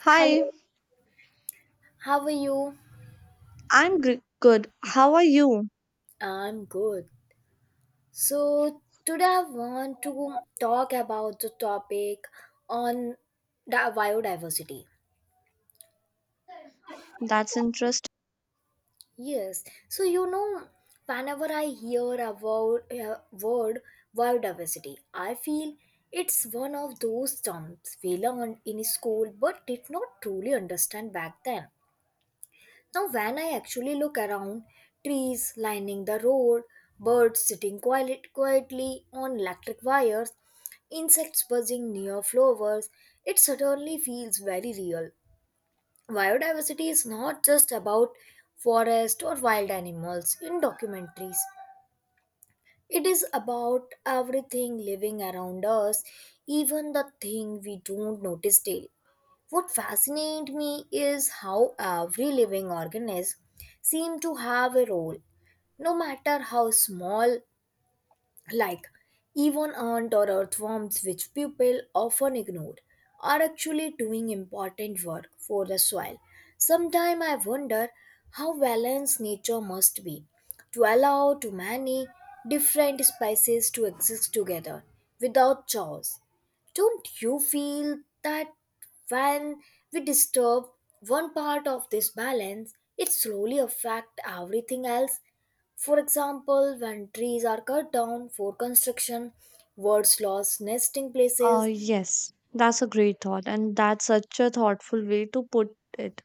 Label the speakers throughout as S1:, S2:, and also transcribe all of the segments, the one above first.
S1: Hi,
S2: Hello, how are you?
S1: good. How are you?
S2: I'm good. So, today I want to talk about the topic on the biodiversity.
S1: That's interesting.
S2: Yes, so you know, whenever I hear about word biodiversity, I feel it's one of those terms we learned in school but did not truly understand back then. Now, when I actually look around, trees lining the road, birds sitting quietly on electric wires, insects buzzing near flowers, it certainly feels very real. Biodiversity is not just about forest or wild animals in documentaries. It is about everything living around us, even the thing we don't notice daily. What fascinates me is how every living organism seems to have a role, no matter how small, like even ant or earthworms which people often ignore are actually doing important work for the soil. Sometimes I wonder how balanced nature must be to allow too many different species to exist together without chaos. Don't you feel that when we disturb one part of this balance it slowly affects everything else? For example, when trees are cut down for construction, birds lost nesting
S1: Uh,
S2: places.
S1: yes, that's a great thought, and that's such a thoughtful way to put it.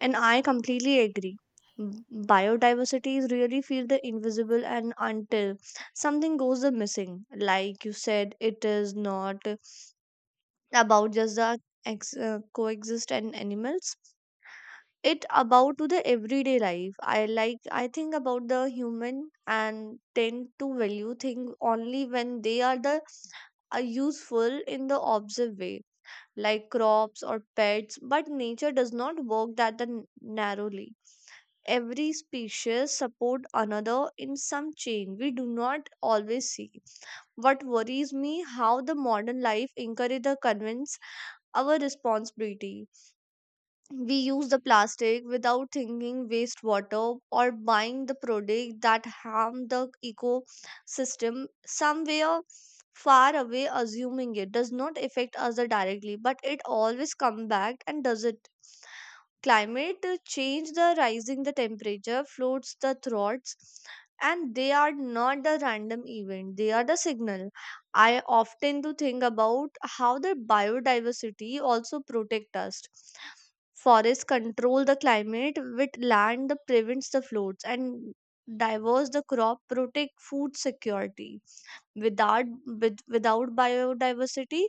S1: And I completely agree. Biodiversity is really feel the invisible, and until something goes the missing, like you said, it is not about just the coexist and animals. It about to the everyday life. I think about the human and tend to value things only when they are useful in the observed way, like crops or pets, but nature does not work that the narrowly. Every species support another in some chain we do not always see. What worries me how the modern life encourage the convince our responsibility. We use the plastic without thinking wastewater or buying the product that harm the ecosystem somewhere far away, assuming it does not affect us directly, but it always come back and does it. Climate change, the rising the temperature, floats the throats, and they are not the random event, they are the signal. I often do think about how the biodiversity also protect us. Forests control the climate, with land that prevents the floods, and diverse the crop protect food security. Without biodiversity,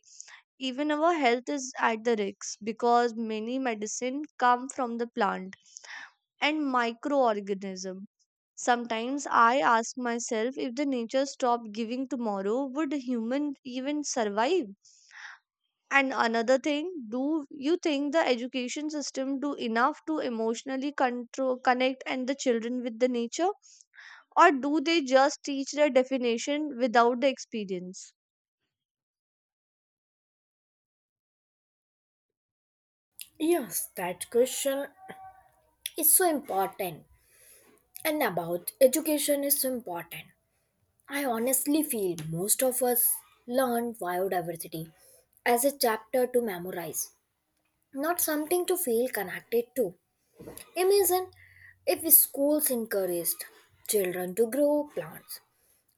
S1: even our health is at the risk because many medicine come from the plant and microorganism. Sometimes I ask myself, if the nature stopped giving tomorrow, would human even survive? And another thing, do you think the education system do enough to emotionally control, connect and the children with the nature, or do they just teach the definition without the experience?
S2: Yes, that question is so important. And about education is so important. I honestly feel most of us learn biodiversity as a chapter to memorize, not something to feel connected to. Imagine if schools encouraged children to grow plants,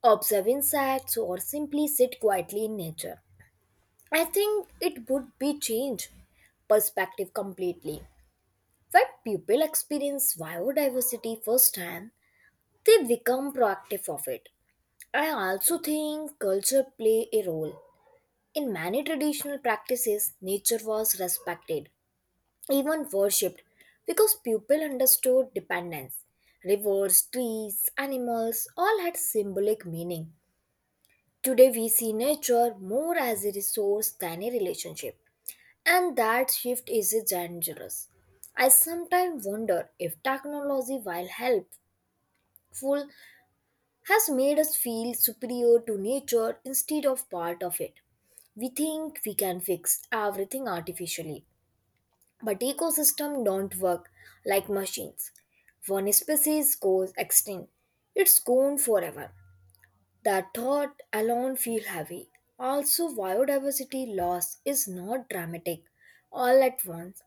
S2: observe insects, or simply sit quietly in nature, I think it would be change perspective completely. When people experience biodiversity firsthand, they become proactive of it. I also think culture play a role. In many traditional practices, nature was respected, even worshipped, because people understood dependence. Rivers, trees, animals all had symbolic meaning. Today we see nature more as a resource than a relationship. And that shift is dangerous. I sometimes wonder if technology, while helpful, has made us feel superior to nature instead of part of it. We think we can fix everything artificially, but ecosystems don't work like machines. One species goes extinct, it's gone forever. That thought alone feels heavy. Also, biodiversity loss is not dramatic all at once.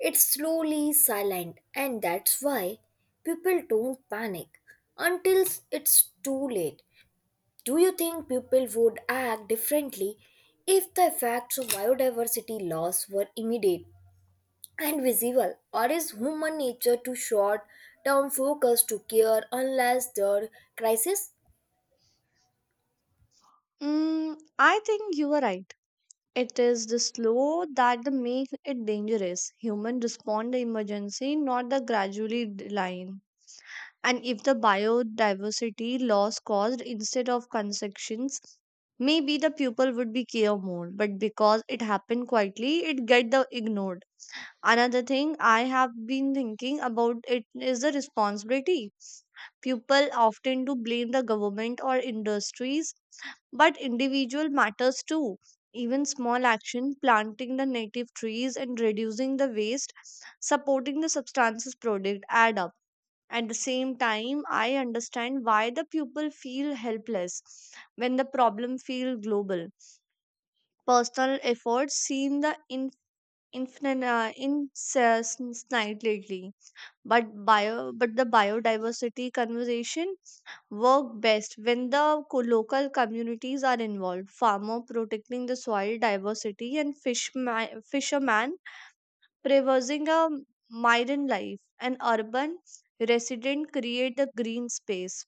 S2: It's slowly silent, and that's why people don't panic until it's too late. Do you think people would act differently if the effects of biodiversity loss were immediate and visible, or is human nature too short term focus to care unless there are crisis?
S1: I think you are right. It is the slow that the make it dangerous. Human respond the emergency, not the gradually decline. And if the biodiversity loss caused instead of consumptions, maybe the pupil would be care more, but because it happened quietly, it get the ignored. Another thing I have been thinking about it is the responsibility. People often do blame the government or industries, but individual matters too. Even small action, planting the native trees and reducing the waste, supporting the substances product, add up. At the same time, I understand why the pupil feel helpless when the problem feel global. Personal efforts seem the in infinite insignificantly, but bio but the biodiversity conversation work best when the local communities are involved. Farmer protecting the soil diversity, and fisherman preserving a marine life, and urban resident create the green space,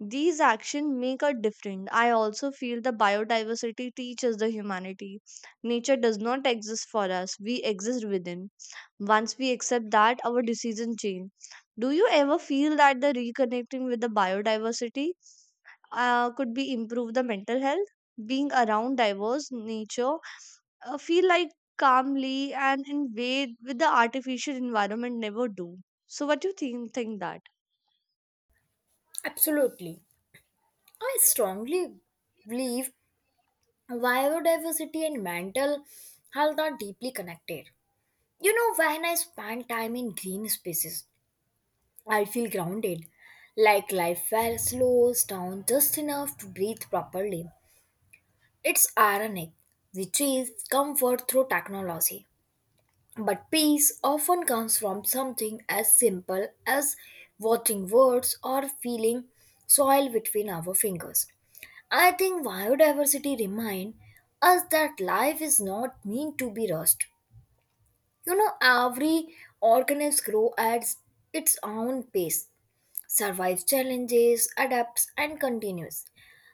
S1: these actions make a difference. I also feel the biodiversity teaches the humanity. Nature does not exist for us, we exist within. Once we accept that, our decision change. Do you ever feel that the reconnecting with the biodiversity could be improve the mental health? Being around diverse nature, feel like calmly and in way with the artificial environment never do. So, what do you think that?
S2: Absolutely. I strongly believe biodiversity and mental health are deeply connected. You know, when I spend time in green spaces, I feel grounded, like life well slows down just enough to breathe properly. It's ironic. We chase comfort through technology, but peace often comes from something as simple as watching words or feeling soil between our fingers. I think biodiversity reminds us that life is not meant to be rushed. You know, every organism grows at its own pace, survives challenges, adapts, and continues.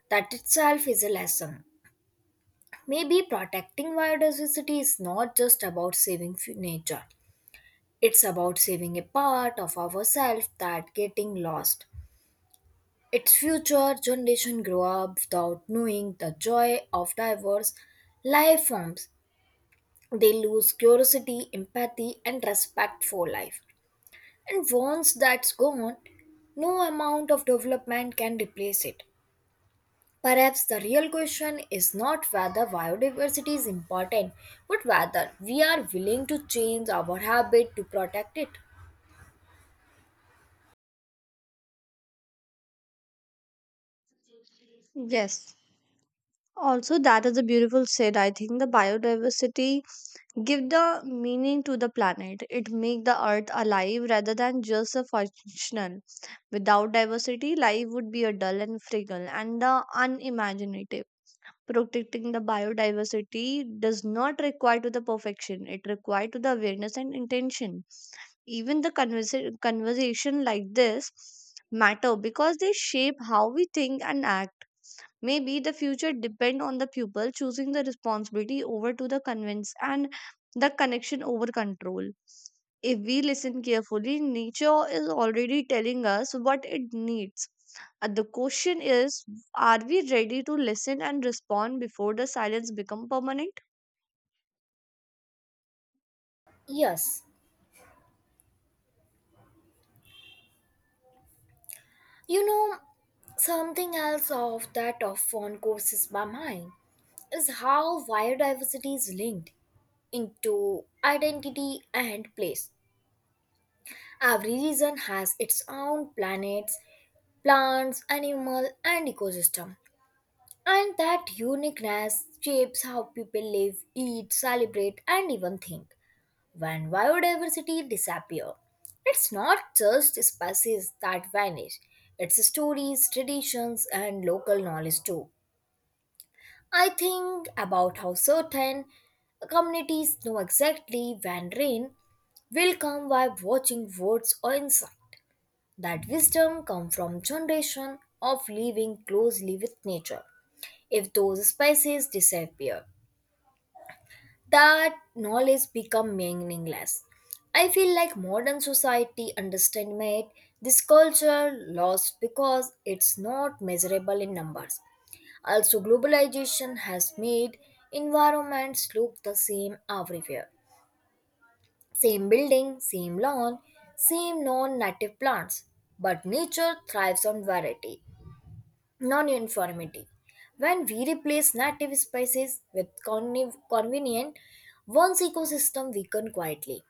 S2: That itself is a lesson. Maybe protecting biodiversity is not just about nature, it's about saving a part of ourselves that getting lost. Its future generation grow up without knowing the joy of diverse life forms. They lose curiosity, empathy, and respect for life. And once that's gone, no amount of development can replace it. Perhaps the real question is not whether biodiversity is important, but whether we are willing to change our habit to protect it.
S1: Yes, also, that is a beautiful said. I think the biodiversity give the meaning to the planet. It make the earth alive rather than just a functional. Without diversity, life would be a dull and frugal and the unimaginative. Protecting the biodiversity does not require to the perfection. It requires to the awareness and intention. Even the conversation like this matter because they shape how we think and act. Maybe the future depend on the pupil choosing the responsibility over to the convince, and the connection over control. If we listen carefully, nature is already telling us what it needs. The question is, are we ready to listen and respond before the silence become permanent?
S2: Yes, you know, something else of that often courses my mind is how biodiversity is linked into identity and place. Every region has its own planets, plants, animal, and ecosystem. And that uniqueness shapes how people live, eat, celebrate, and even think. When biodiversity disappears, it's not just species that vanish, it's stories, traditions, and local knowledge too. I think about how certain communities know exactly when rain will come by watching words or insects. That wisdom comes from generation of living closely with nature. If those spices disappear, that knowledge become meaningless. I feel like modern society underestimates this culture loss because it's not measurable in numbers. Also, globalization has made environments look the same everywhere. Same building, same lawn, same non native plants. But nature thrives on variety. Non uniformity. When we replace native species with convenient ones, ecosystem weaken quietly.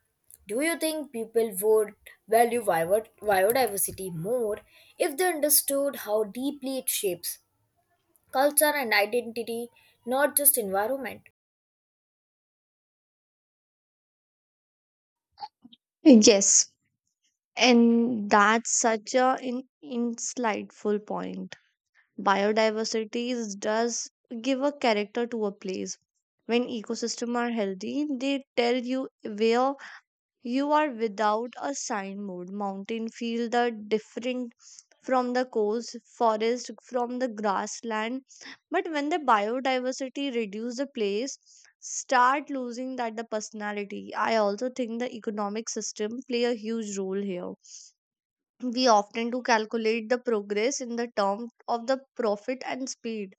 S2: Do you think people would value biodiversity more if they understood how deeply it shapes culture and identity, not just environment?
S1: Yes, and that's such a insightful point. Biodiversity does give a character to a place. When ecosystems are healthy, they tell you where you are without a signboard. Mountain feel the different from the coast, forest from the grassland. But when the biodiversity reduce, the place start losing that the personality. I also think the economic system play a huge role here. We often do calculate the progress in the term of the profit and speed,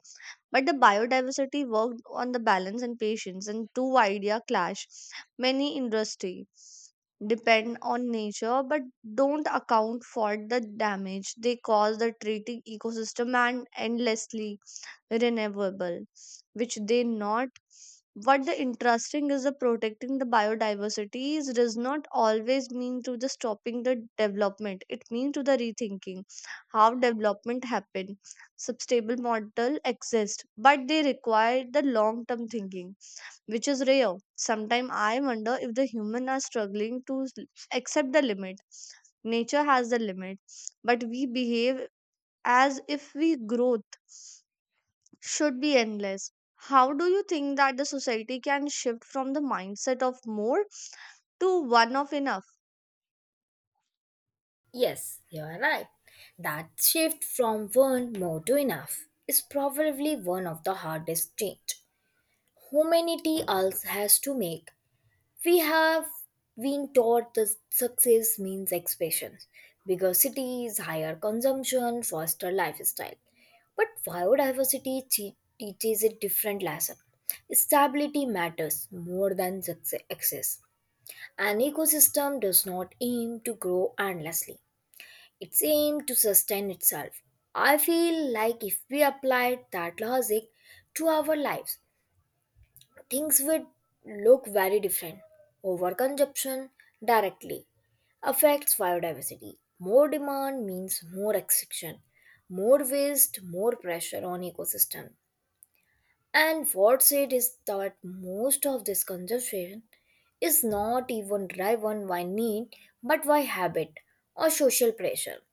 S1: but the biodiversity worked on the balance and patience, and two idea clash. Many industry depend on nature but don't account for the damage they cause, the treating ecosystem and endlessly renewable, which they not. What the interesting is the protecting the biodiversity does not always mean to the stopping the development. It means to the rethinking how development happen. Sustainable model exist, but they require the long term thinking, which is rare. Sometimes I wonder if the human are struggling to accept the limit. Nature has the limit, but we behave as if we grow should be endless. How do you think that the society can shift from the mindset of more to one of enough?
S2: Yes, you are right. That shift from one more to enough is probably one of the hardest change humanity else has to make. We have been taught that success means expansion, bigger cities, higher consumption, faster lifestyle. But biodiversity teaches a different lesson. Stability matters more than success. Access. An ecosystem does not aim to grow endlessly, it's aimed to sustain itself. I feel like if we applied that logic to our lives, things would look very different. Overconsumption directly affects biodiversity. More demand means more extraction, more waste, more pressure on ecosystem. And what's it is that most of this consumption is not even driven by need but by habit or social pressure.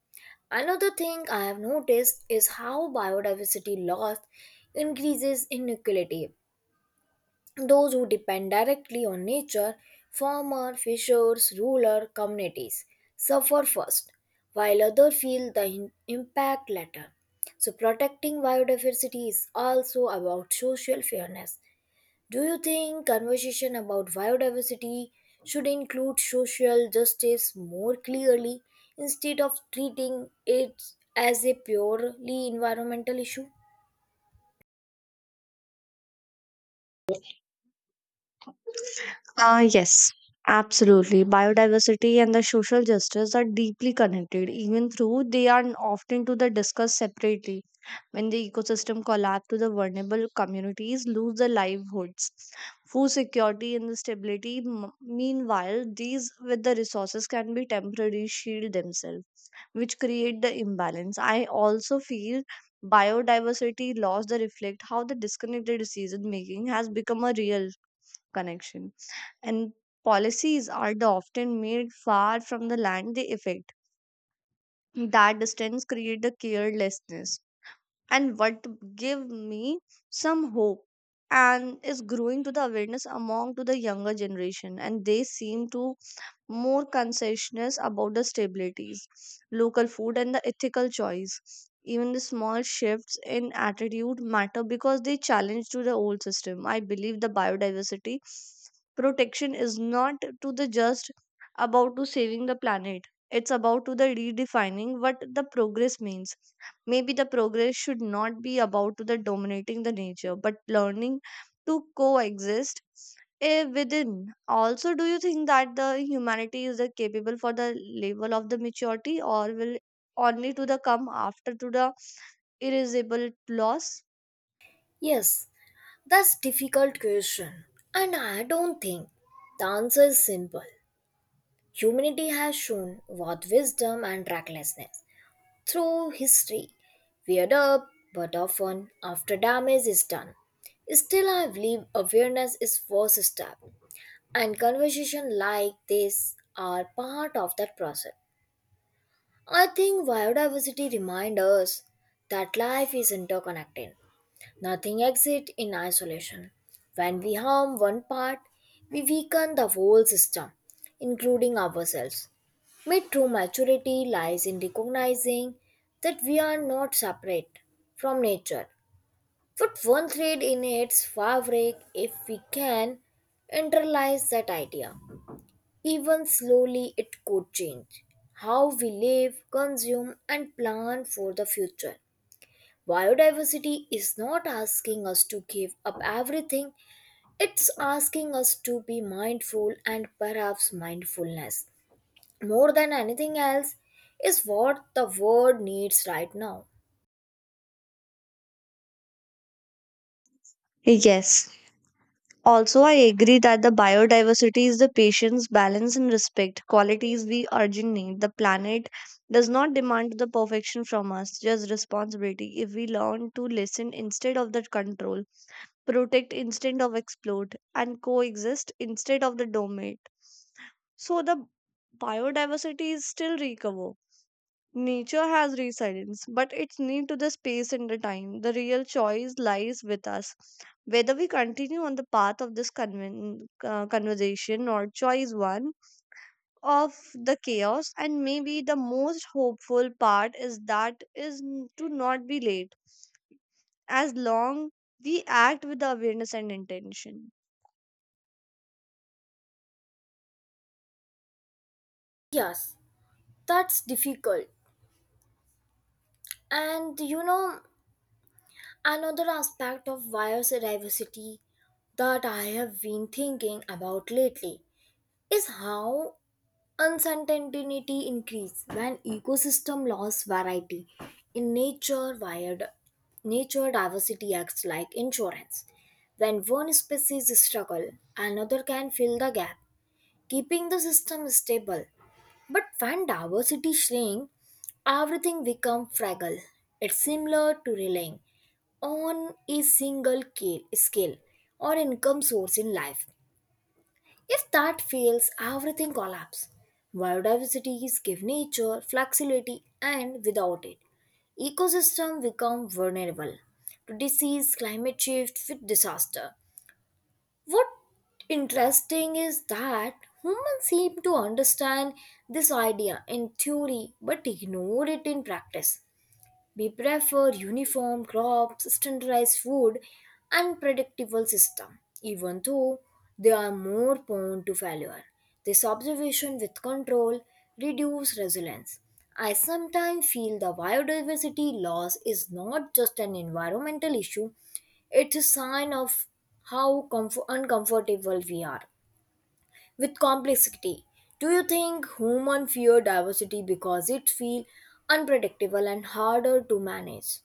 S2: Another thing I have noticed is how biodiversity loss increases inequality, those who depend directly on nature, farmer, fishers, rural communities, suffer first, while others feel the impact later. So, protecting biodiversity is also about social fairness. Do you think conversation about biodiversity should include social justice more clearly instead of treating it as a purely environmental issue?
S1: Yes, absolutely. Biodiversity and the social justice are deeply connected, even though they are often to the discussed separately. When the ecosystem collapse, to the vulnerable communities lose their livelihoods, food security and the stability. Meanwhile, these with the resources can be temporary shield themselves, which create the imbalance. I also feel biodiversity loss that reflect how the disconnected decision making has become a real connection, and policies are the often made far from the land they affect. That distance creates the carelessness. And what give me some hope and is growing to the awareness among to the younger generation, and they seem to more conscientious about the stabilities, local food, and the ethical choice. Even the small shifts in attitude matter because they challenge to the old system. I believe the biodiversity protection is not to the just about to saving the planet. It's about to the redefining what the progress means. Maybe the progress should not be about to the dominating the nature, but learning to coexist within. Also, do you think that the humanity is the capable for the level of the maturity, or will only to the come after to the irreversible loss?
S2: Yes, that's difficult question, and I don't think the answer is simple. Humanity has shown both wisdom and recklessness through history, weird up, but often after damage is done. Still, I believe awareness is first step, and conversation like this are part of that process. I think biodiversity reminds us that life is interconnected. Nothing exists in isolation. When we harm one part, we weaken the whole system, including ourselves. My true maturity lies in recognizing that we are not separate from nature, but one thread in its fabric if we can internalize that idea. Even slowly, it could change how we live, consume, and plan for the future. Biodiversity is not asking us to give up everything, it's asking us to be mindful, and perhaps mindfulness, more than anything else, is what the world needs right now.
S1: Yes, also, I agree that the biodiversity is the patience, balance, and respect qualities we urgent need. The planet does not demand the perfection from us, just responsibility. If we learn to listen instead of the control, protect instead of exploit, and coexist instead of the dominate, so the biodiversity is still recover. Nature has resilience, but it's need to the space and the time. The real choice lies with us. Whether we continue on the path of this conversation or choice one of the chaos, and maybe the most hopeful part is that is to not be late, as long we act with the awareness and intention.
S2: Yes, that's difficult. And you know, another aspect of biodiversity that I have been thinking about lately is how uncertainty increase when ecosystem loss variety in nature wired nature diversity acts like insurance. When one species struggle, another can fill the gap, keeping the system stable. But when diversity shrink, everything become fragile. It's similar to relying on a single scale or income source in life. If that fails, everything collapses. Biodiversity gives nature flexibility, and without it, ecosystem become vulnerable to disease, climate shift, with disaster. What interesting is that humans seem to understand this idea in theory but ignore it in practice. We prefer uniform crops, standardized food, and predictable system, even though they are more prone to failure. This observation with control reduces resilience. I sometimes feel the biodiversity loss is not just an environmental issue, it's a sign of how uncomfortable we are with complexity. Do you think human fear diversity because it feels unpredictable and harder to manage?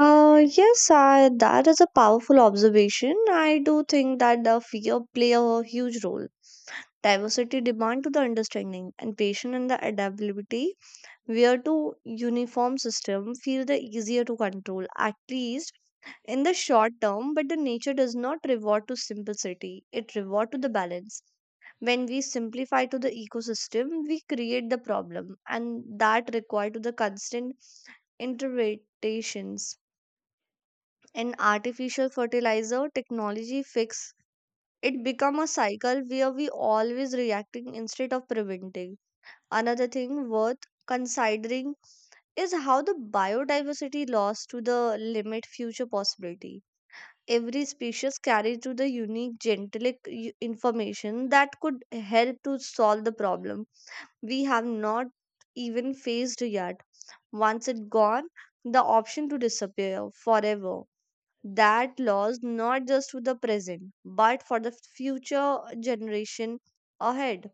S1: Yes, that is a powerful observation. I do think that the fear play a huge role. Diversity demand to the understanding and patience and the adaptability, where to uniform system feel the easier to control, at least in the short term, but the nature does not reward to simplicity. It reward to the balance. When we simplify to the ecosystem, we create the problem, and that require to the constant interpretations and artificial fertilizer technology fix. It become a cycle where we always reacting instead of preventing. Another thing worth considering is how the biodiversity loss to the limit future possibility. Every species carries to the unique genetic information that could help to solve the problem we have not even faced yet. Once it gone, the option to disappear forever. That laws not just for the present, but for the future generation ahead.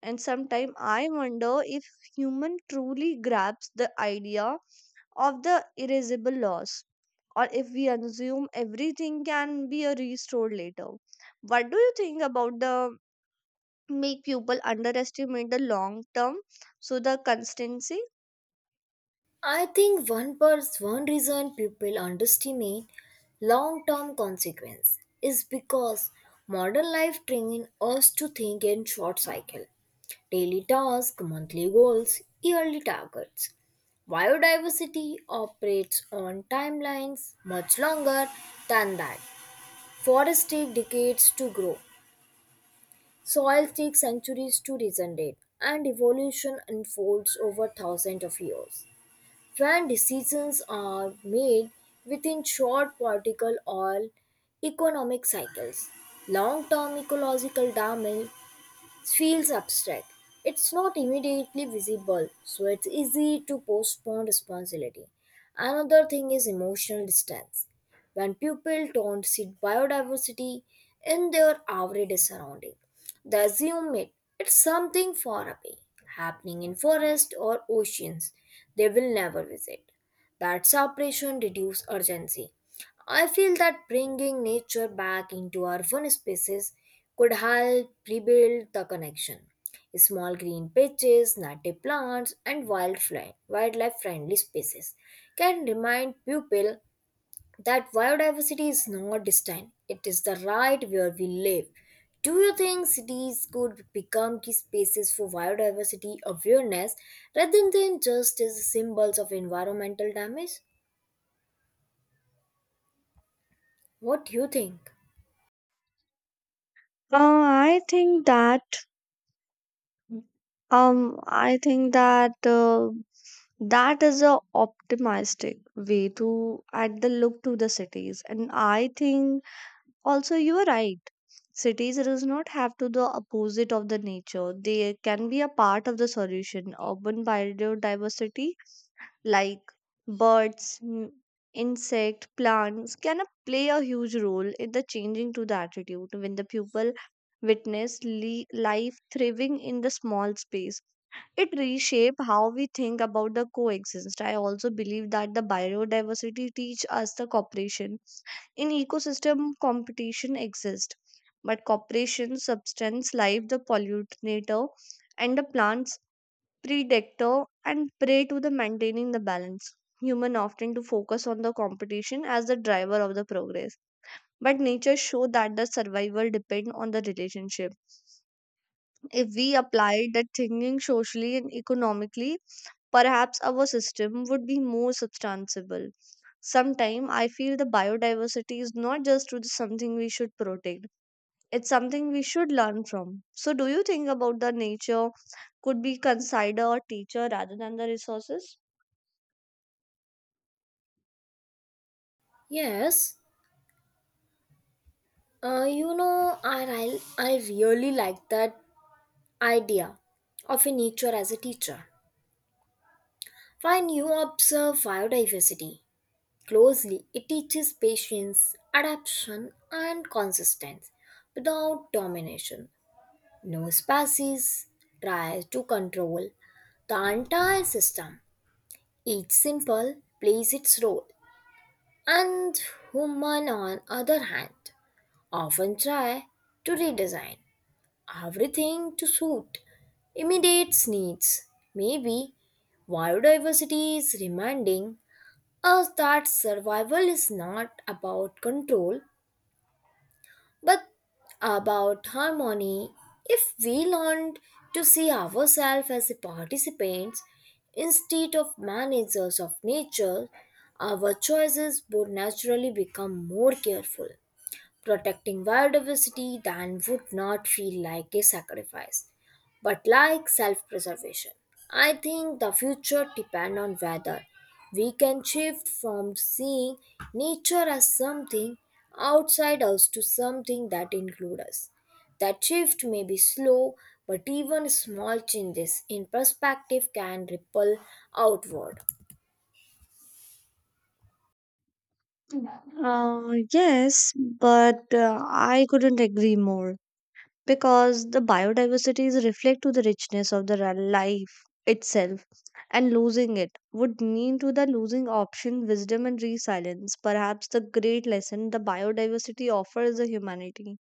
S1: And sometimes I wonder if human truly grasps the idea of the erasable laws, or if we assume everything can be restored later. What do you think about the make people underestimate the long term so the constancy?
S2: I think one reason people underestimate long-term consequence is because modern life trains us to think in short cycle, daily tasks, monthly goals, yearly targets. Biodiversity operates on timelines much longer than that. Forests take decades to grow, soil takes centuries to regenerate, and evolution unfolds over thousands of years. When decisions are made within short political or economic cycles, long term ecological damage feels abstract. It's not immediately visible, so it's easy to postpone responsibility. Another thing is emotional distance. When people don't see biodiversity in their everyday surrounding, they assume it. It's something far away, happening in forests or oceans they will never visit. That separation reduces urgency. I feel that bringing nature back into urban spaces could help rebuild the connection. Small green patches, native plants, and wildlife friendly spaces can remind people that biodiversity is not distant, it is the right where we live. Do you think cities could become key spaces for biodiversity awareness rather than just as symbols of environmental damage? What do you think?
S1: Uh, I think that I think that that is a optimistic way to add the look to the cities, and I think also you are right. Cities does not have to the opposite of the nature. They can be a part of the solution. Urban biodiversity like birds, insect, plants can play a huge role in the changing to the attitude when the pupil witness life thriving in the small space. It reshape how we think about the coexistence. I also believe that the biodiversity teach us the cooperation. In ecosystem, competition exists, but cooperation, substance, life, the pollinator, and the plants, predictor and prey to the maintaining the balance. Human often to focus on the competition as the driver of the progress. But nature show that the survival depend on the relationship. If we applied that thinking socially and economically, perhaps our system would be more substantiable. Sometimes I feel the biodiversity is not just to the something we should protect, it's something we should learn from. So, do you think about the nature could be consider a teacher rather than the resources?
S2: Yes, you know, I really like that idea of a nature as a teacher. When you observe biodiversity closely, it teaches patience, adaptation, and consistency without domination. No species tries to control the entire system. Each simple plays its role, and human, on other hand, often try to redesign everything to suit immediate needs. Maybe biodiversity is reminding us that survival is not about control but about harmony. If we learned to see ourselves as participants instead of managers of nature, our choices would naturally become more careful. Protecting biodiversity then would not feel like a sacrifice, but like self preservation. I think the future depends on whether we can shift from seeing nature as something outside us to something that includes us. That shift may be slow, but even small changes in perspective can ripple outward.
S1: Yes, but I couldn't agree more, because the biodiversity is reflect to the richness of the life itself, and losing it would mean to the losing option, wisdom, and resilience. Perhaps the great lesson the biodiversity offers the humanity,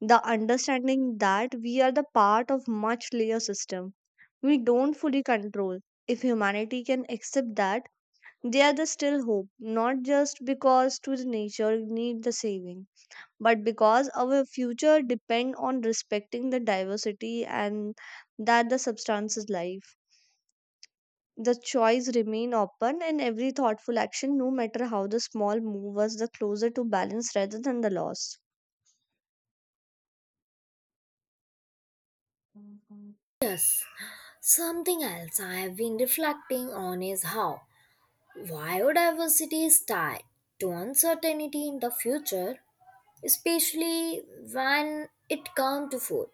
S1: the understanding that we are the part of much larger system we don't fully control. If humanity can accept that, there is still hope, not just because to the nature need the saving, but because our future depend on respecting the diversity, and that the substance is life. The choice remain open, and every thoughtful action, no matter how the small, move us the closer to balance rather than the loss.
S2: Something else I have been reflecting on is how biodiversity is tied to uncertainty in the future, especially when it comes to food.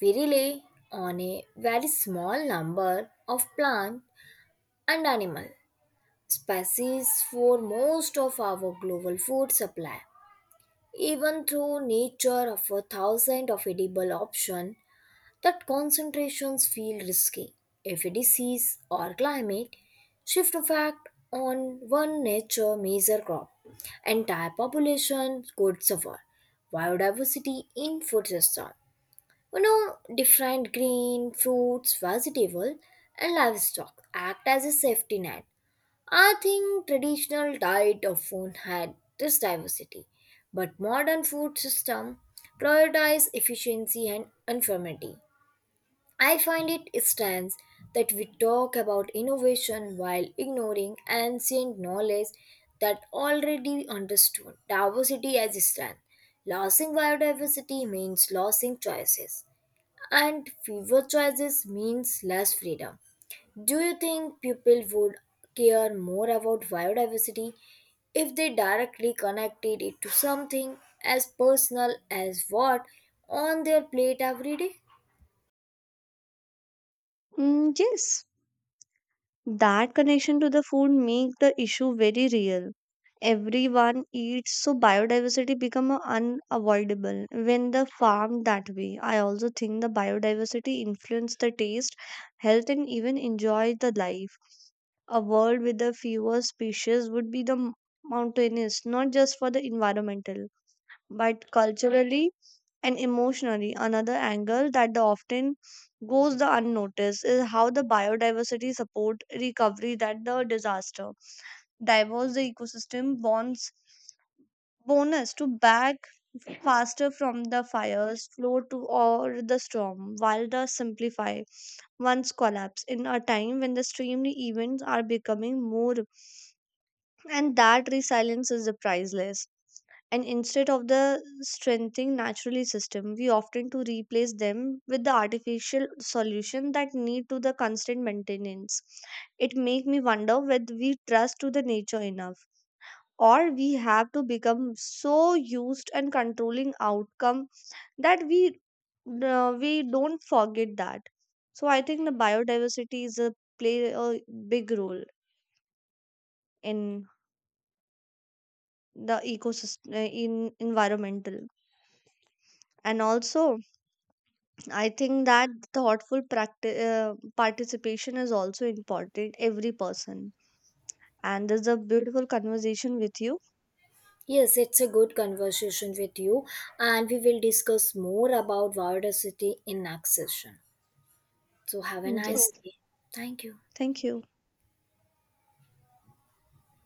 S2: We rely on a very small number of plant and animal species for most of our global food supply. Even though nature offers thousands of edible options, that concentrations feel risky. If a disease or climate shift effect on one nature major crop, entire population could suffer. Biodiversity in food system, you know, different green fruits vegetable and livestock act as a safety net. I think traditional diet often had this diversity, but modern food system prioritize efficiency and uniformity. I find it strange that we talk about innovation while ignoring ancient knowledge that already understood diversity as strength. Losing biodiversity means losing choices, and fewer choices means less freedom. Do you think people would care more about biodiversity if they directly connected it to something as personal as what on their plate every day?
S1: Yes, that connection to the food make the issue very real. Everyone eats, so biodiversity become a unavoidable when the farm that way. I also think the biodiversity influence the taste, health, and even enjoy the life. A world with the fewer species would be the mountainous, not just for the environmental, but culturally and emotionally. Another angle that the often goes the unnoticed is how the biodiversity support recovery that the disaster. Diverse the ecosystem bonds bonus to back faster from the fires, flow to or the storm, while the simplify once collapse in a time when the extreme events are becoming more, and that resilience is the priceless. And instead of the strengthening naturally system, we often to replace them with the artificial solution that need to the constant maintenance. It make me wonder whether we trust to the nature enough, or we have to become so used and controlling outcome that we don't forget that. So I think the biodiversity is a play a big role in the ecosystem, in environmental, and also I think that thoughtful practice, participation, is also important every person. And this is a beautiful conversation with you.
S2: Yes, it's a good conversation with you, and we will discuss more about diversity in next session. So, have a
S1: Yes,
S2: nice day. Thank you.
S1: thank you.